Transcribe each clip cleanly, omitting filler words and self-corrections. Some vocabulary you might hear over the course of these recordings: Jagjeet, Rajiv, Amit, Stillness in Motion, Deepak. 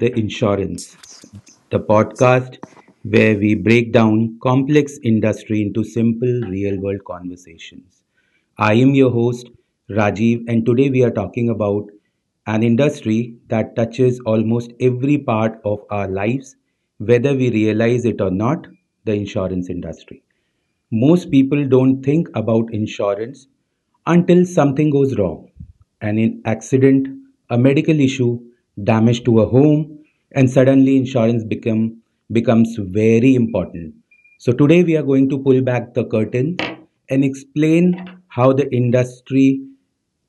the Insurance, the podcast where we break down complex industry into simple real world conversations. I am your host, Rajiv, and today we are talking about an industry that touches almost every part of our lives, whether we realize it or not, the insurance industry. Most people don't think about insurance until something goes wrong, an accident, a medical issue, damage to a home, and suddenly insurance becomes very important. So today we are going to pull back the curtain and explain how the industry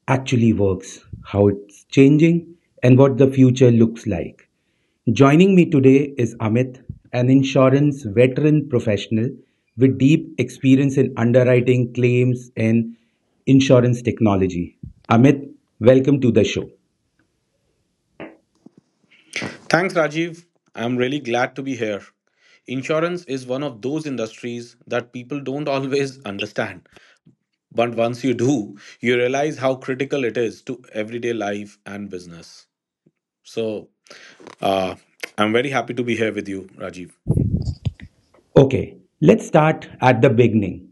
actually works, how it's changing, and what the future looks like. Joining me today is Amit, an insurance veteran professional with deep experience in underwriting, claims, and insurance technology. Amit, welcome to the show. Thanks, Rajiv. I'm really glad to be here. Insurance is one of those industries that people don't always understand. But once you do, you realize how critical it is to everyday life and business. So, uh, I'm very happy to be here with you, Rajiv. Okay, let's start at the beginning.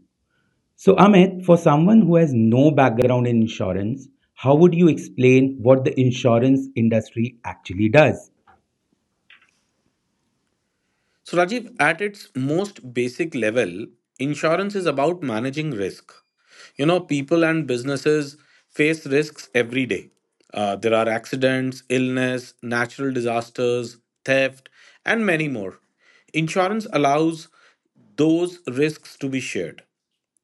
So, Amit, for someone who has no background in insurance, how would you explain what the insurance industry actually does? So, Rajiv, at its most basic level, insurance is about managing risk. People and businesses face risks every day. There are accidents, illness, natural disasters, theft, and many more. Insurance allows those risks to be shared.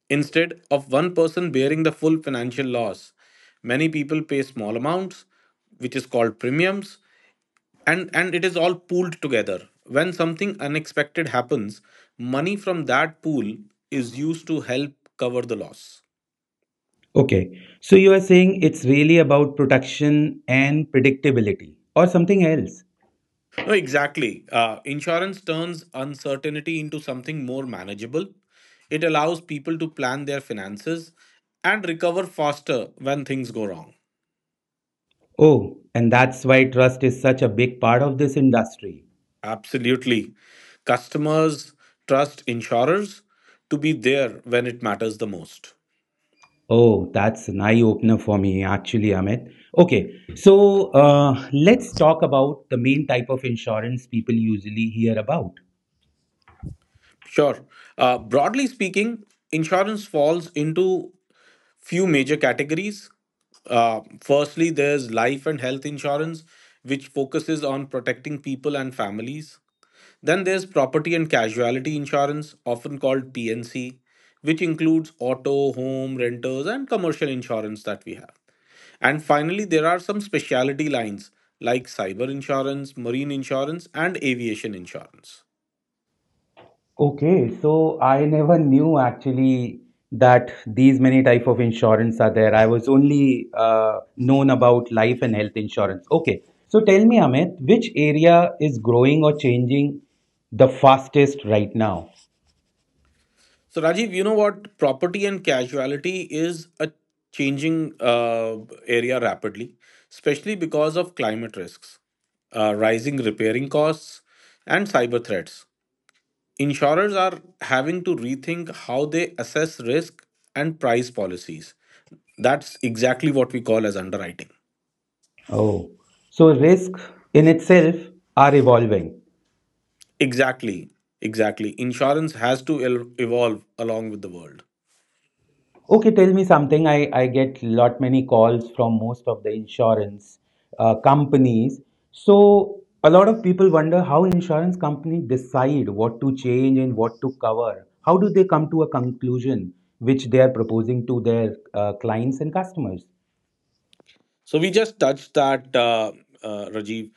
Instead of one person bearing the full financial loss, many people pay small amounts, which is called premiums, and it is all pooled together. When something unexpected happens, money from that pool is used to help cover the loss. Okay, so you are saying it's really about protection and predictability, or something else. No, exactly. Insurance turns uncertainty into something more manageable. It allows people to plan their finances and recover faster when things go wrong. Oh, and that's why trust is such a big part of this industry. Absolutely. Customers trust insurers to be there when it matters the most. Oh, that's an eye opener for me, actually, Amit. Okay, so let's talk about the main type of insurance people usually hear about. Sure. Broadly speaking, insurance falls into few major categories. Firstly, there's life and health insurance, which focuses on protecting people and families. Then there's property and casualty insurance, often called PNC, which includes auto, home, renters, and commercial insurance that we have. And finally, there are some specialty lines like cyber insurance, marine insurance, and aviation insurance. Okay, so I never knew actually that these many type of insurance are there. I was only known about life and health insurance. Okay, so tell me, Amit, which area is growing or changing the fastest right now? So, Rajiv, you know what? Property and casualty is a changing area rapidly, especially because of climate risks, rising repairing costs, and cyber threats. Insurers are having to rethink how they assess risk and price policies. That's exactly what we call as underwriting. Oh, so risk in itself are evolving. Exactly, exactly. Insurance has to evolve along with the world. Okay, tell me something. I get lot many calls from most of the insurance companies. So a lot of people wonder how insurance company decide what to change and what to cover. How do they come to a conclusion which they are proposing to their clients and customers? So we just touched that, Rajiv.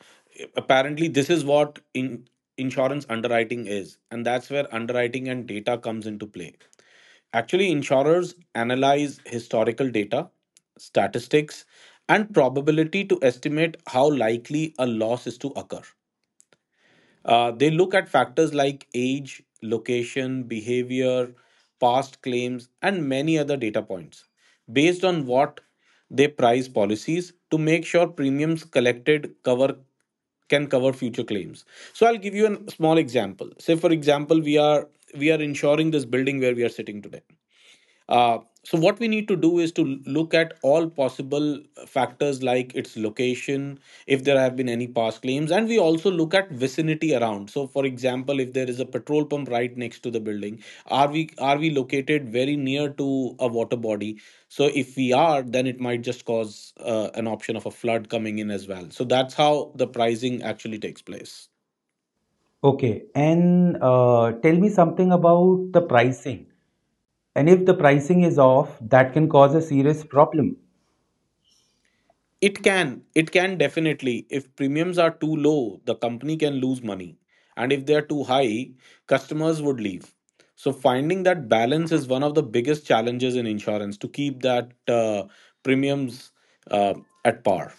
Apparently, this is what in insurance underwriting is, and that's where underwriting and data comes into play. Actually, insurers analyze historical data, statistics, and probability to estimate how likely a loss is to occur. They look at factors like age, location, behavior, past claims, and many other data points, based on what they price policies to make sure premiums collected cover can cover future claims. So I'll give you a small example. Say, for example, we are insuring this building where we are sitting today. So what we need to do is to look at all possible factors like its location, if there have been any past claims, and we also look at vicinity around. So, for example, if there is a petrol pump right next to the building, are we located very near to a water body? So if we are, then it might just cause an option of a flood coming in as well. So that's how the pricing actually takes place. Okay, and tell me something about the pricing. And if the pricing is off, that can cause a serious problem. It can definitely. If premiums are too low, the company can lose money. And if they are too high, customers would leave. So finding that balance is one of the biggest challenges in insurance, to keep that premiums uh, at par.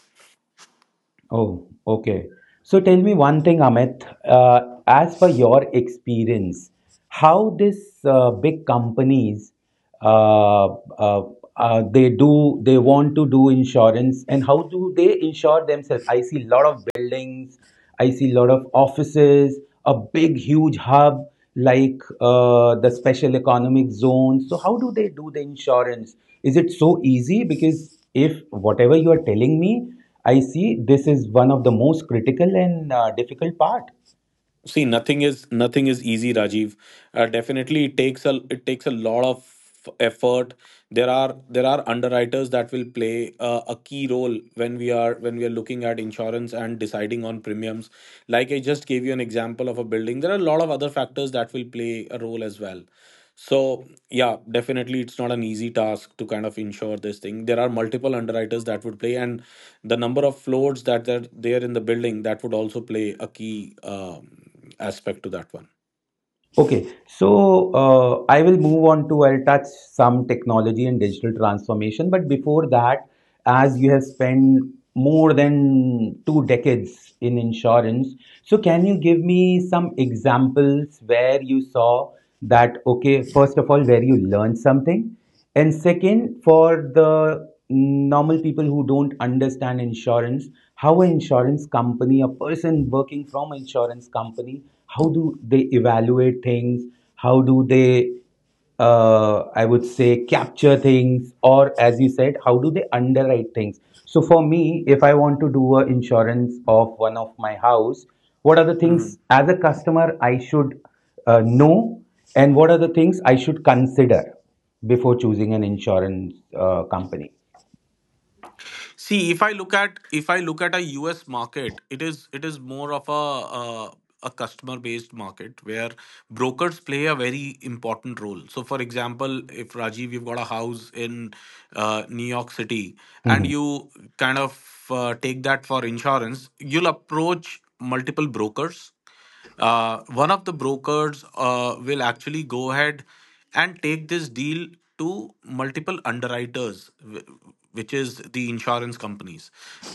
Oh, okay. So tell me one thing, Amit. As per your experience, how this big companies uh, uh, they do they want to do insurance, and how do they insure themselves? I see a lot of buildings, I see a lot of offices, a big huge hub like the special economic zone. So how do they do the insurance? Is it so easy? Because if whatever you are telling me, I see this is one of the most critical and difficult part. See, nothing is easy, Rajiv. Definitely, it takes a lot of effort. There are underwriters that will play a key role when we are looking at insurance and deciding on premiums. Like I just gave you an example of a building. There are a lot of other factors that will play a role as well. So yeah, definitely, it's not an easy task to kind of insure this thing. There are multiple underwriters that would play, and the number of floors that are there in the building that would also play a key aspect to that one. Okay, so I will move on to I'll touch some technology and digital transformation, but before that, as you have spent more than 2 decades in insurance, so can you give me some examples where you saw that, okay, first of all, where you learned something, and second, for the normal people who don't understand insurance, how an insurance company, a person working from an insurance company, how do they evaluate things? How do they, I would say, capture things? Or as you said, how do they underwrite things? So for me, if I want to do an insurance of one of my house, what are the Mhm. things as a customer I should know, and what are the things I should consider before choosing an insurance company. See, if I look at a US market, it is more of uh, a customer based market where brokers play a very important role. So, for example, if Rajiv, you've got a house in New York City, and hmm you kind of take that for insurance, you'll approach multiple brokers. One of the brokers will actually go ahead and take this deal to multiple underwriters, which is the insurance companies.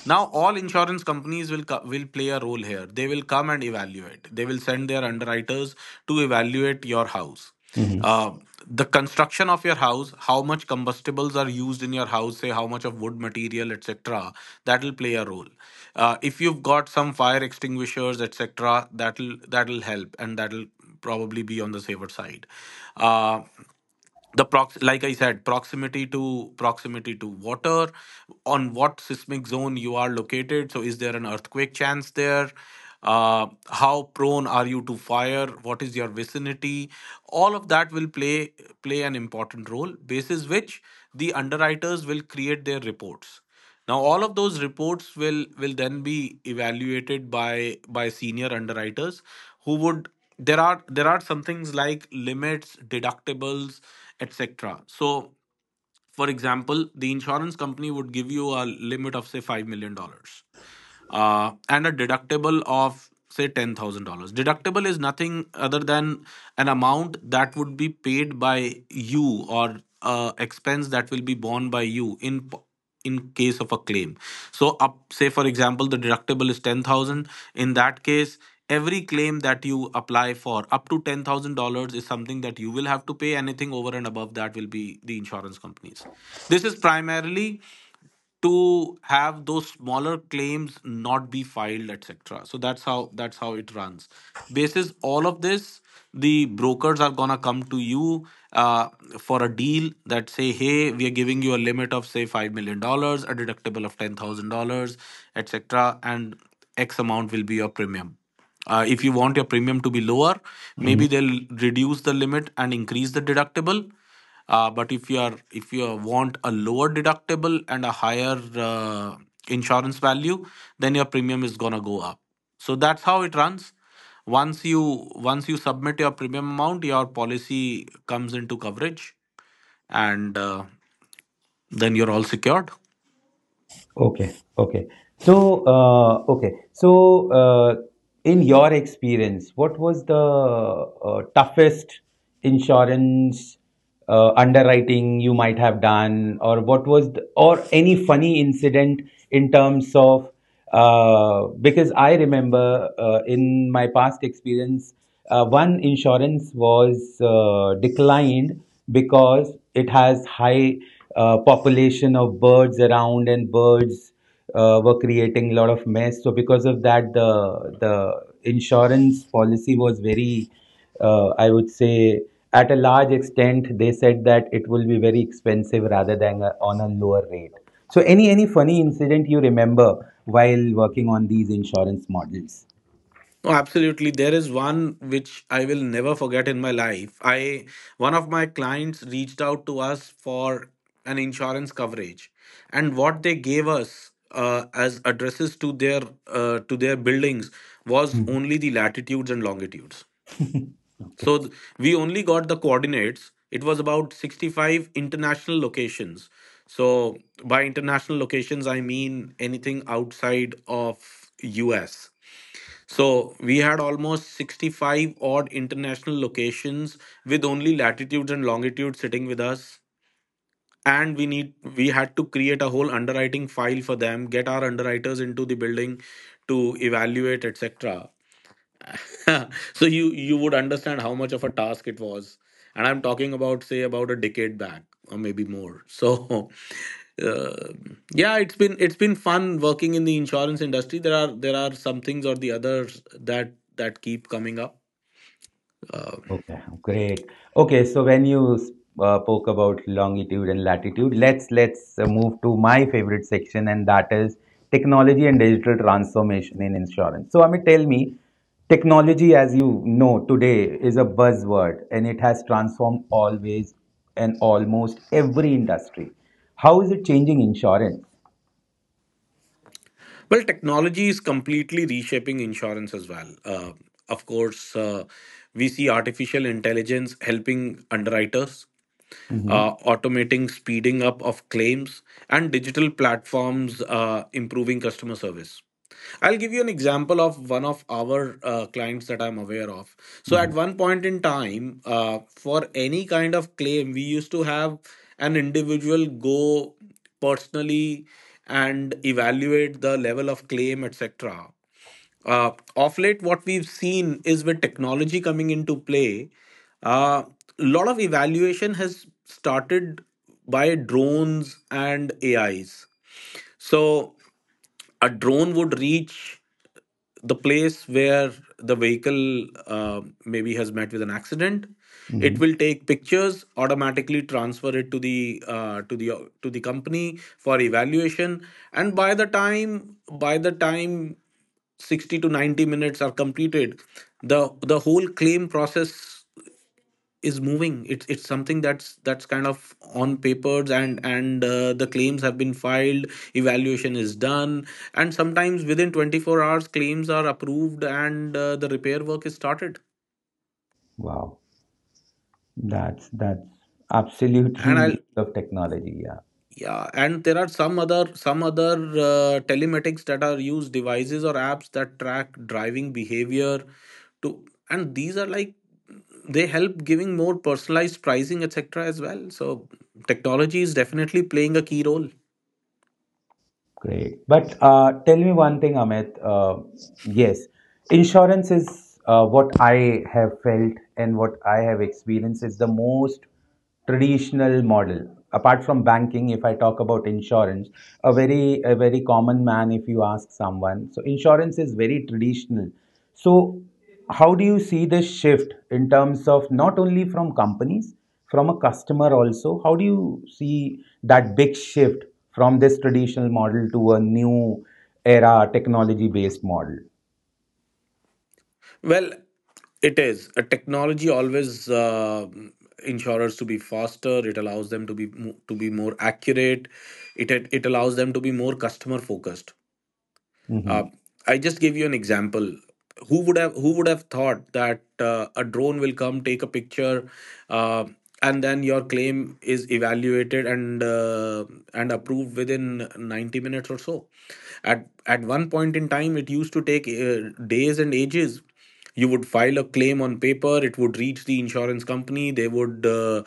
Now, all insurance companies will will play a role here. They will come and evaluate. They will send their underwriters to evaluate your house, hmm uh, the construction of your house, how much combustibles are used in your house, say how much of wood material, etc., that will play a role. If you've got some fire extinguishers, etc., that'll help and that'll probably be on the safer side. Uh, the prox Like I said, proximity to water, on what seismic zone you are located, so is there an earthquake chance there, how prone are you to fire, what is your vicinity, all of that will play an important role, basis which the underwriters will create their reports. Now, all of those reports will then be evaluated by senior underwriters who would— there are some things like limits, deductibles, etc. So, for example, the insurance company would give you a limit of say $5 million and a deductible of say $10,000. Deductible is nothing other than an amount that would be paid by you, or expense that will be borne by you in case of a claim. So, up say for example the deductible is 10,000, in that case every claim that you apply for up to $10,000 is something that you will have to pay. Anything over and above that will be the insurance companies'. This is primarily to have those smaller claims not be filed, etc. So that's how it runs. Basis all of this, the brokers are gonna come to you uh, for a deal that say, hey, we are giving you a limit of say $5 million dollars, a deductible of $10,000, etc., and x amount will be your premium. If you want your premium to be lower, hmm maybe they'll reduce the limit and increase the deductible. But if you want a lower deductible and a higher insurance value, then your premium is going to go up. So that's how it runs. Once you once you submit your premium amount, your policy comes into coverage, and then you're all secured. Okay. Okay. So, okay. So, in your experience, what was the toughest insurance underwriting you might have done, or what was the, or any funny incident in terms of? Because I remember in my past experience, one insurance was declined because it has high population of birds around, and birds were creating a lot of mess. So because of that, the insurance policy was very I would say at a large extent, they said that it will be very expensive rather than a, on a lower rate. So any funny incident you remember while working on these insurance models? Oh, absolutely. There is one which I will never forget in my life. I one of my clients reached out to us for an insurance coverage, and what they gave us as addresses to their to their buildings was Mhm. only the latitudes and longitudes. So we only got the coordinates. It was about 65 international locations. So by international locations, I mean anything outside of U.S. So we had almost 65 odd international locations with only latitudes and longitudes sitting with us. And we had to create a whole underwriting file for them, get our underwriters into the building to evaluate, etc. So you would understand how much of a task it was. And I'm talking about say about a decade back or maybe more. So uh, yeah, it's been fun working in the insurance industry. There are some things or the others that keep coming up. uh, Okay, great. Okay, so when you spoke about longitude and latitude, let's move to my favorite section, and that is technology and digital transformation in insurance. So, Amit, tell me, technology, as you know today, is a buzzword, and it has transformed always and almost every industry. How is it changing insurance? well, technology is completely reshaping insurance as well. Of course, we see artificial intelligence helping underwriters, Mm-hmm. automating, speeding up of claims, and digital platforms improving customer service. I'll give you an example of one of our clients that I'm aware of. So, at Mm-hmm. one point in time, for any kind of claim, we used to have an individual go personally and evaluate the level of claim, etc. uh, of late, what we've seen is, with technology coming into play, uh, a lot of evaluation has started by drones and AIs. So a drone would reach the place where the vehicle maybe has met with an accident, it Mm-hmm. will take pictures, automatically transfer it to the to the to the company for evaluation, and by the time 60 to 90 minutes are completed, the whole claim process is moving. It's something that's kind of on papers, and the claims have been filed, evaluation is done, and sometimes within 24 hours claims are approved, and the repair work is started. Wow, that's absolutely And I'll use of technology. Yeah. yeah, and there are some other telematics that are used, devices or apps that track driving behavior, to and these are, like, they help giving more personalized pricing, etc., as well. So technology is definitely playing a key role. Great. But tell me one thing, Amit. Yes, insurance is what I have felt and what I have experienced is the most traditional model. Apart from banking, if I talk about insurance, a very common man, if you ask someone, so insurance is very traditional. So how do you see this shift in terms of not only from companies, from a customer also? How do you see that big shift from this traditional model to a new era technology based model? Well, it is. A technology always insurers to be faster. It allows them to be to be more accurate. It allows them to be more customer focused. Uh, hmm I just give you an example. Who would have thought that a drone will come take a picture, uh, and then your claim is evaluated, and approved within 90 minutes or so? At one point in time, it used to take days and ages. You would file a claim on paper, it would reach the insurance company, they would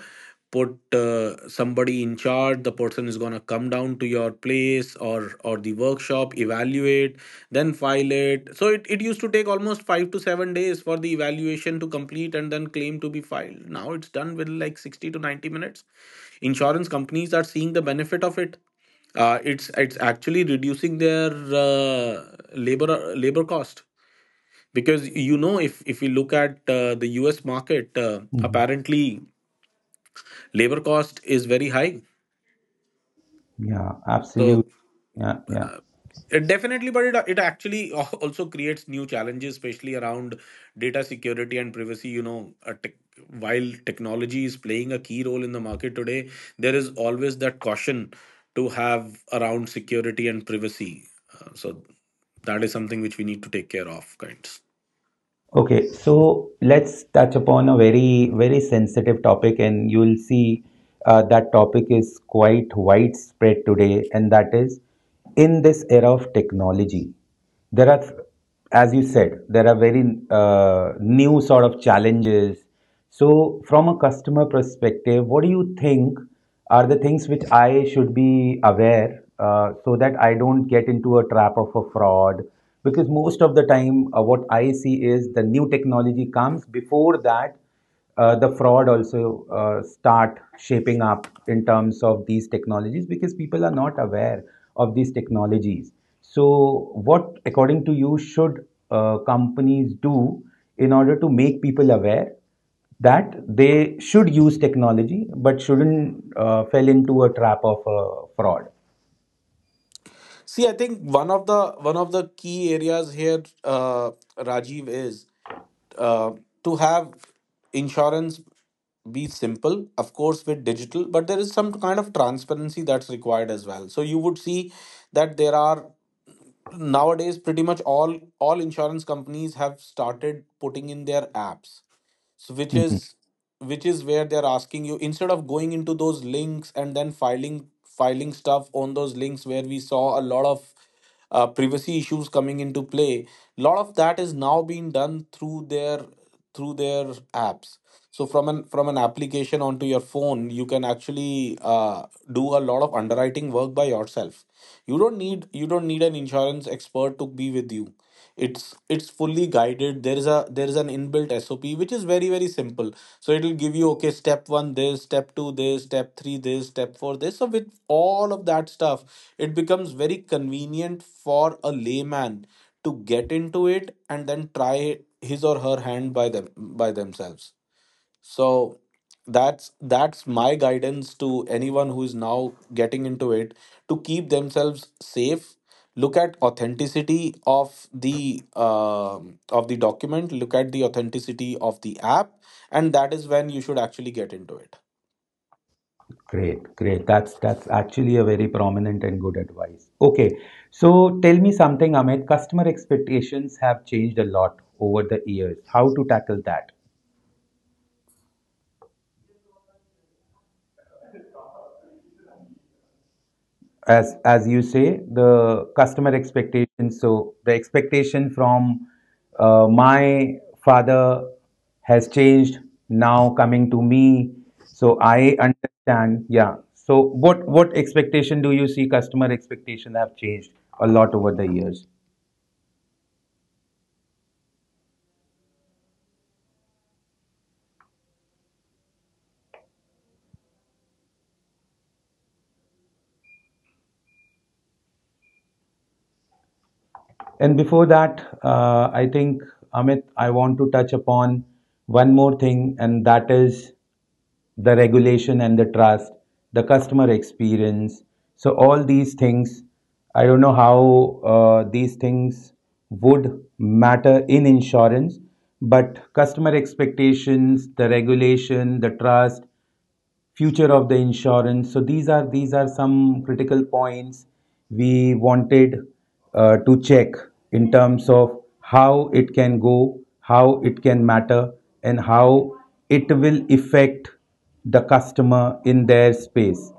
put somebody in charge, the person is going to come down to your place or the workshop, evaluate, then file it. So it used to take almost 5 to 7 days for the evaluation to complete and then claim to be filed. Now it's done with like 60 to 90 minutes. Insurance companies are seeing the benefit of it. It's actually reducing their labor cost, because if we look at the US market, hmm apparently labor cost is very high. Yeah, absolutely. So. Yeah, yeah. Definitely, but it actually also creates new challenges, especially around data security and privacy. While technology is playing a key role in the market today, there is always that caution to have around security and privacy. So that is something which we need to take care of, kinds. Okay, so let's touch upon a very, very sensitive topic, and you'll see that topic is quite widespread today, and that is in this era of technology. There are, as you said, there are very new sort of challenges. So from a customer perspective, what do you think are the things which I should be aware so that I don't get into a trap of a fraud? Because most of the time, what I see is the new technology comes before that, the fraud also start shaping up in terms of these technologies because people are not aware of these technologies. So what according to you should companies do in order to make people aware that they should use technology but shouldn't fell into a trap of fraud? See, I think one of the key areas here, Rajiv, is uh, to have insurance be simple. Of course, with digital, but there is some kind of transparency that's required as well. So you would see that there are nowadays pretty much all insurance companies have started putting in their apps, so which Mhm. is which is where they're asking you, instead of going into those links and then filing stuff on those links where we saw a lot of privacy issues coming into play. A lot of that is now being done through their through their apps. So from an application onto your phone, you can actually do a lot of underwriting work by yourself. You don't need an insurance expert to be with you, it's it's fully guided. There is an inbuilt SOP which is very very simple. So it will give you, okay, step 1 this, step 2 this, step 3 this, step 4 this. So with all of that stuff, it becomes very convenient for a layman to get into it and then try his or her hand by themselves. So that's my guidance to anyone who is now getting into it, to keep themselves safe, look at authenticity of the document, look at the authenticity of the app, and that is when you should actually get into it. Great, great. That's actually a very prominent and good advice. Okay, so tell me something, Amit. Customer expectations have changed a lot over the years. How to tackle that? As you say, the customer expectations, so the expectation from my father has changed now coming to me. So I understand, yeah. So what expectation do you see? Customer expectations have changed a lot over the years. And before that, I think, Amit, I want to touch upon one more thing, and that is the regulation and the trust, the customer experience. So all these things, I don't know how these things would matter in insurance, but customer expectations, the regulation, the trust, future of the insurance. So these are, some critical points we wanted to check in terms of how it can go, how it can matter, and how it will affect the customer in their space.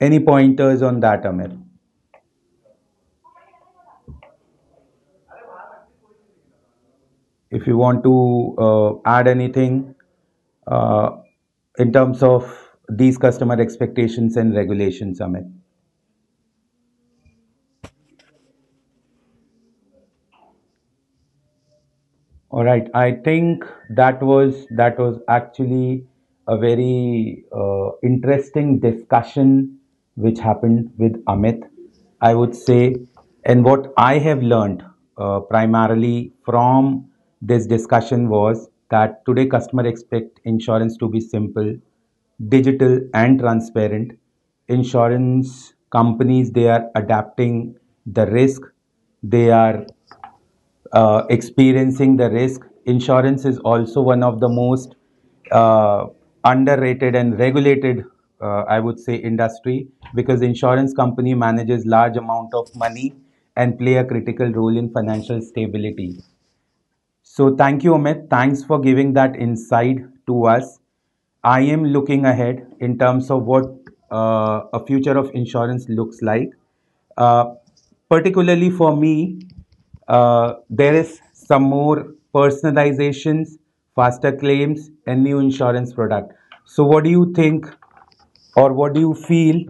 Any pointers on that, Amir? If you want to add anything uh, in terms of these customer expectations and regulations, Amir. All right. I think that was, actually a very interesting discussion which happened with Amit, I would say. And what I have learned primarily from this discussion was that today customers expect insurance to be simple, digital, and transparent. Insurance companies, they are adapting the risk. They are experiencing the risk. Insurance is also one of the most uh, underrated and regulated, I would say, industry because insurance company manages large amount of money and play a critical role in financial stability. So thank you, Amit. Thanks for giving that insight to us. I am looking ahead in terms of what a future of insurance looks like. Uh, particularly for me, there is some more personalizations, faster claims, and new insurance product. So what do you think or what do you feel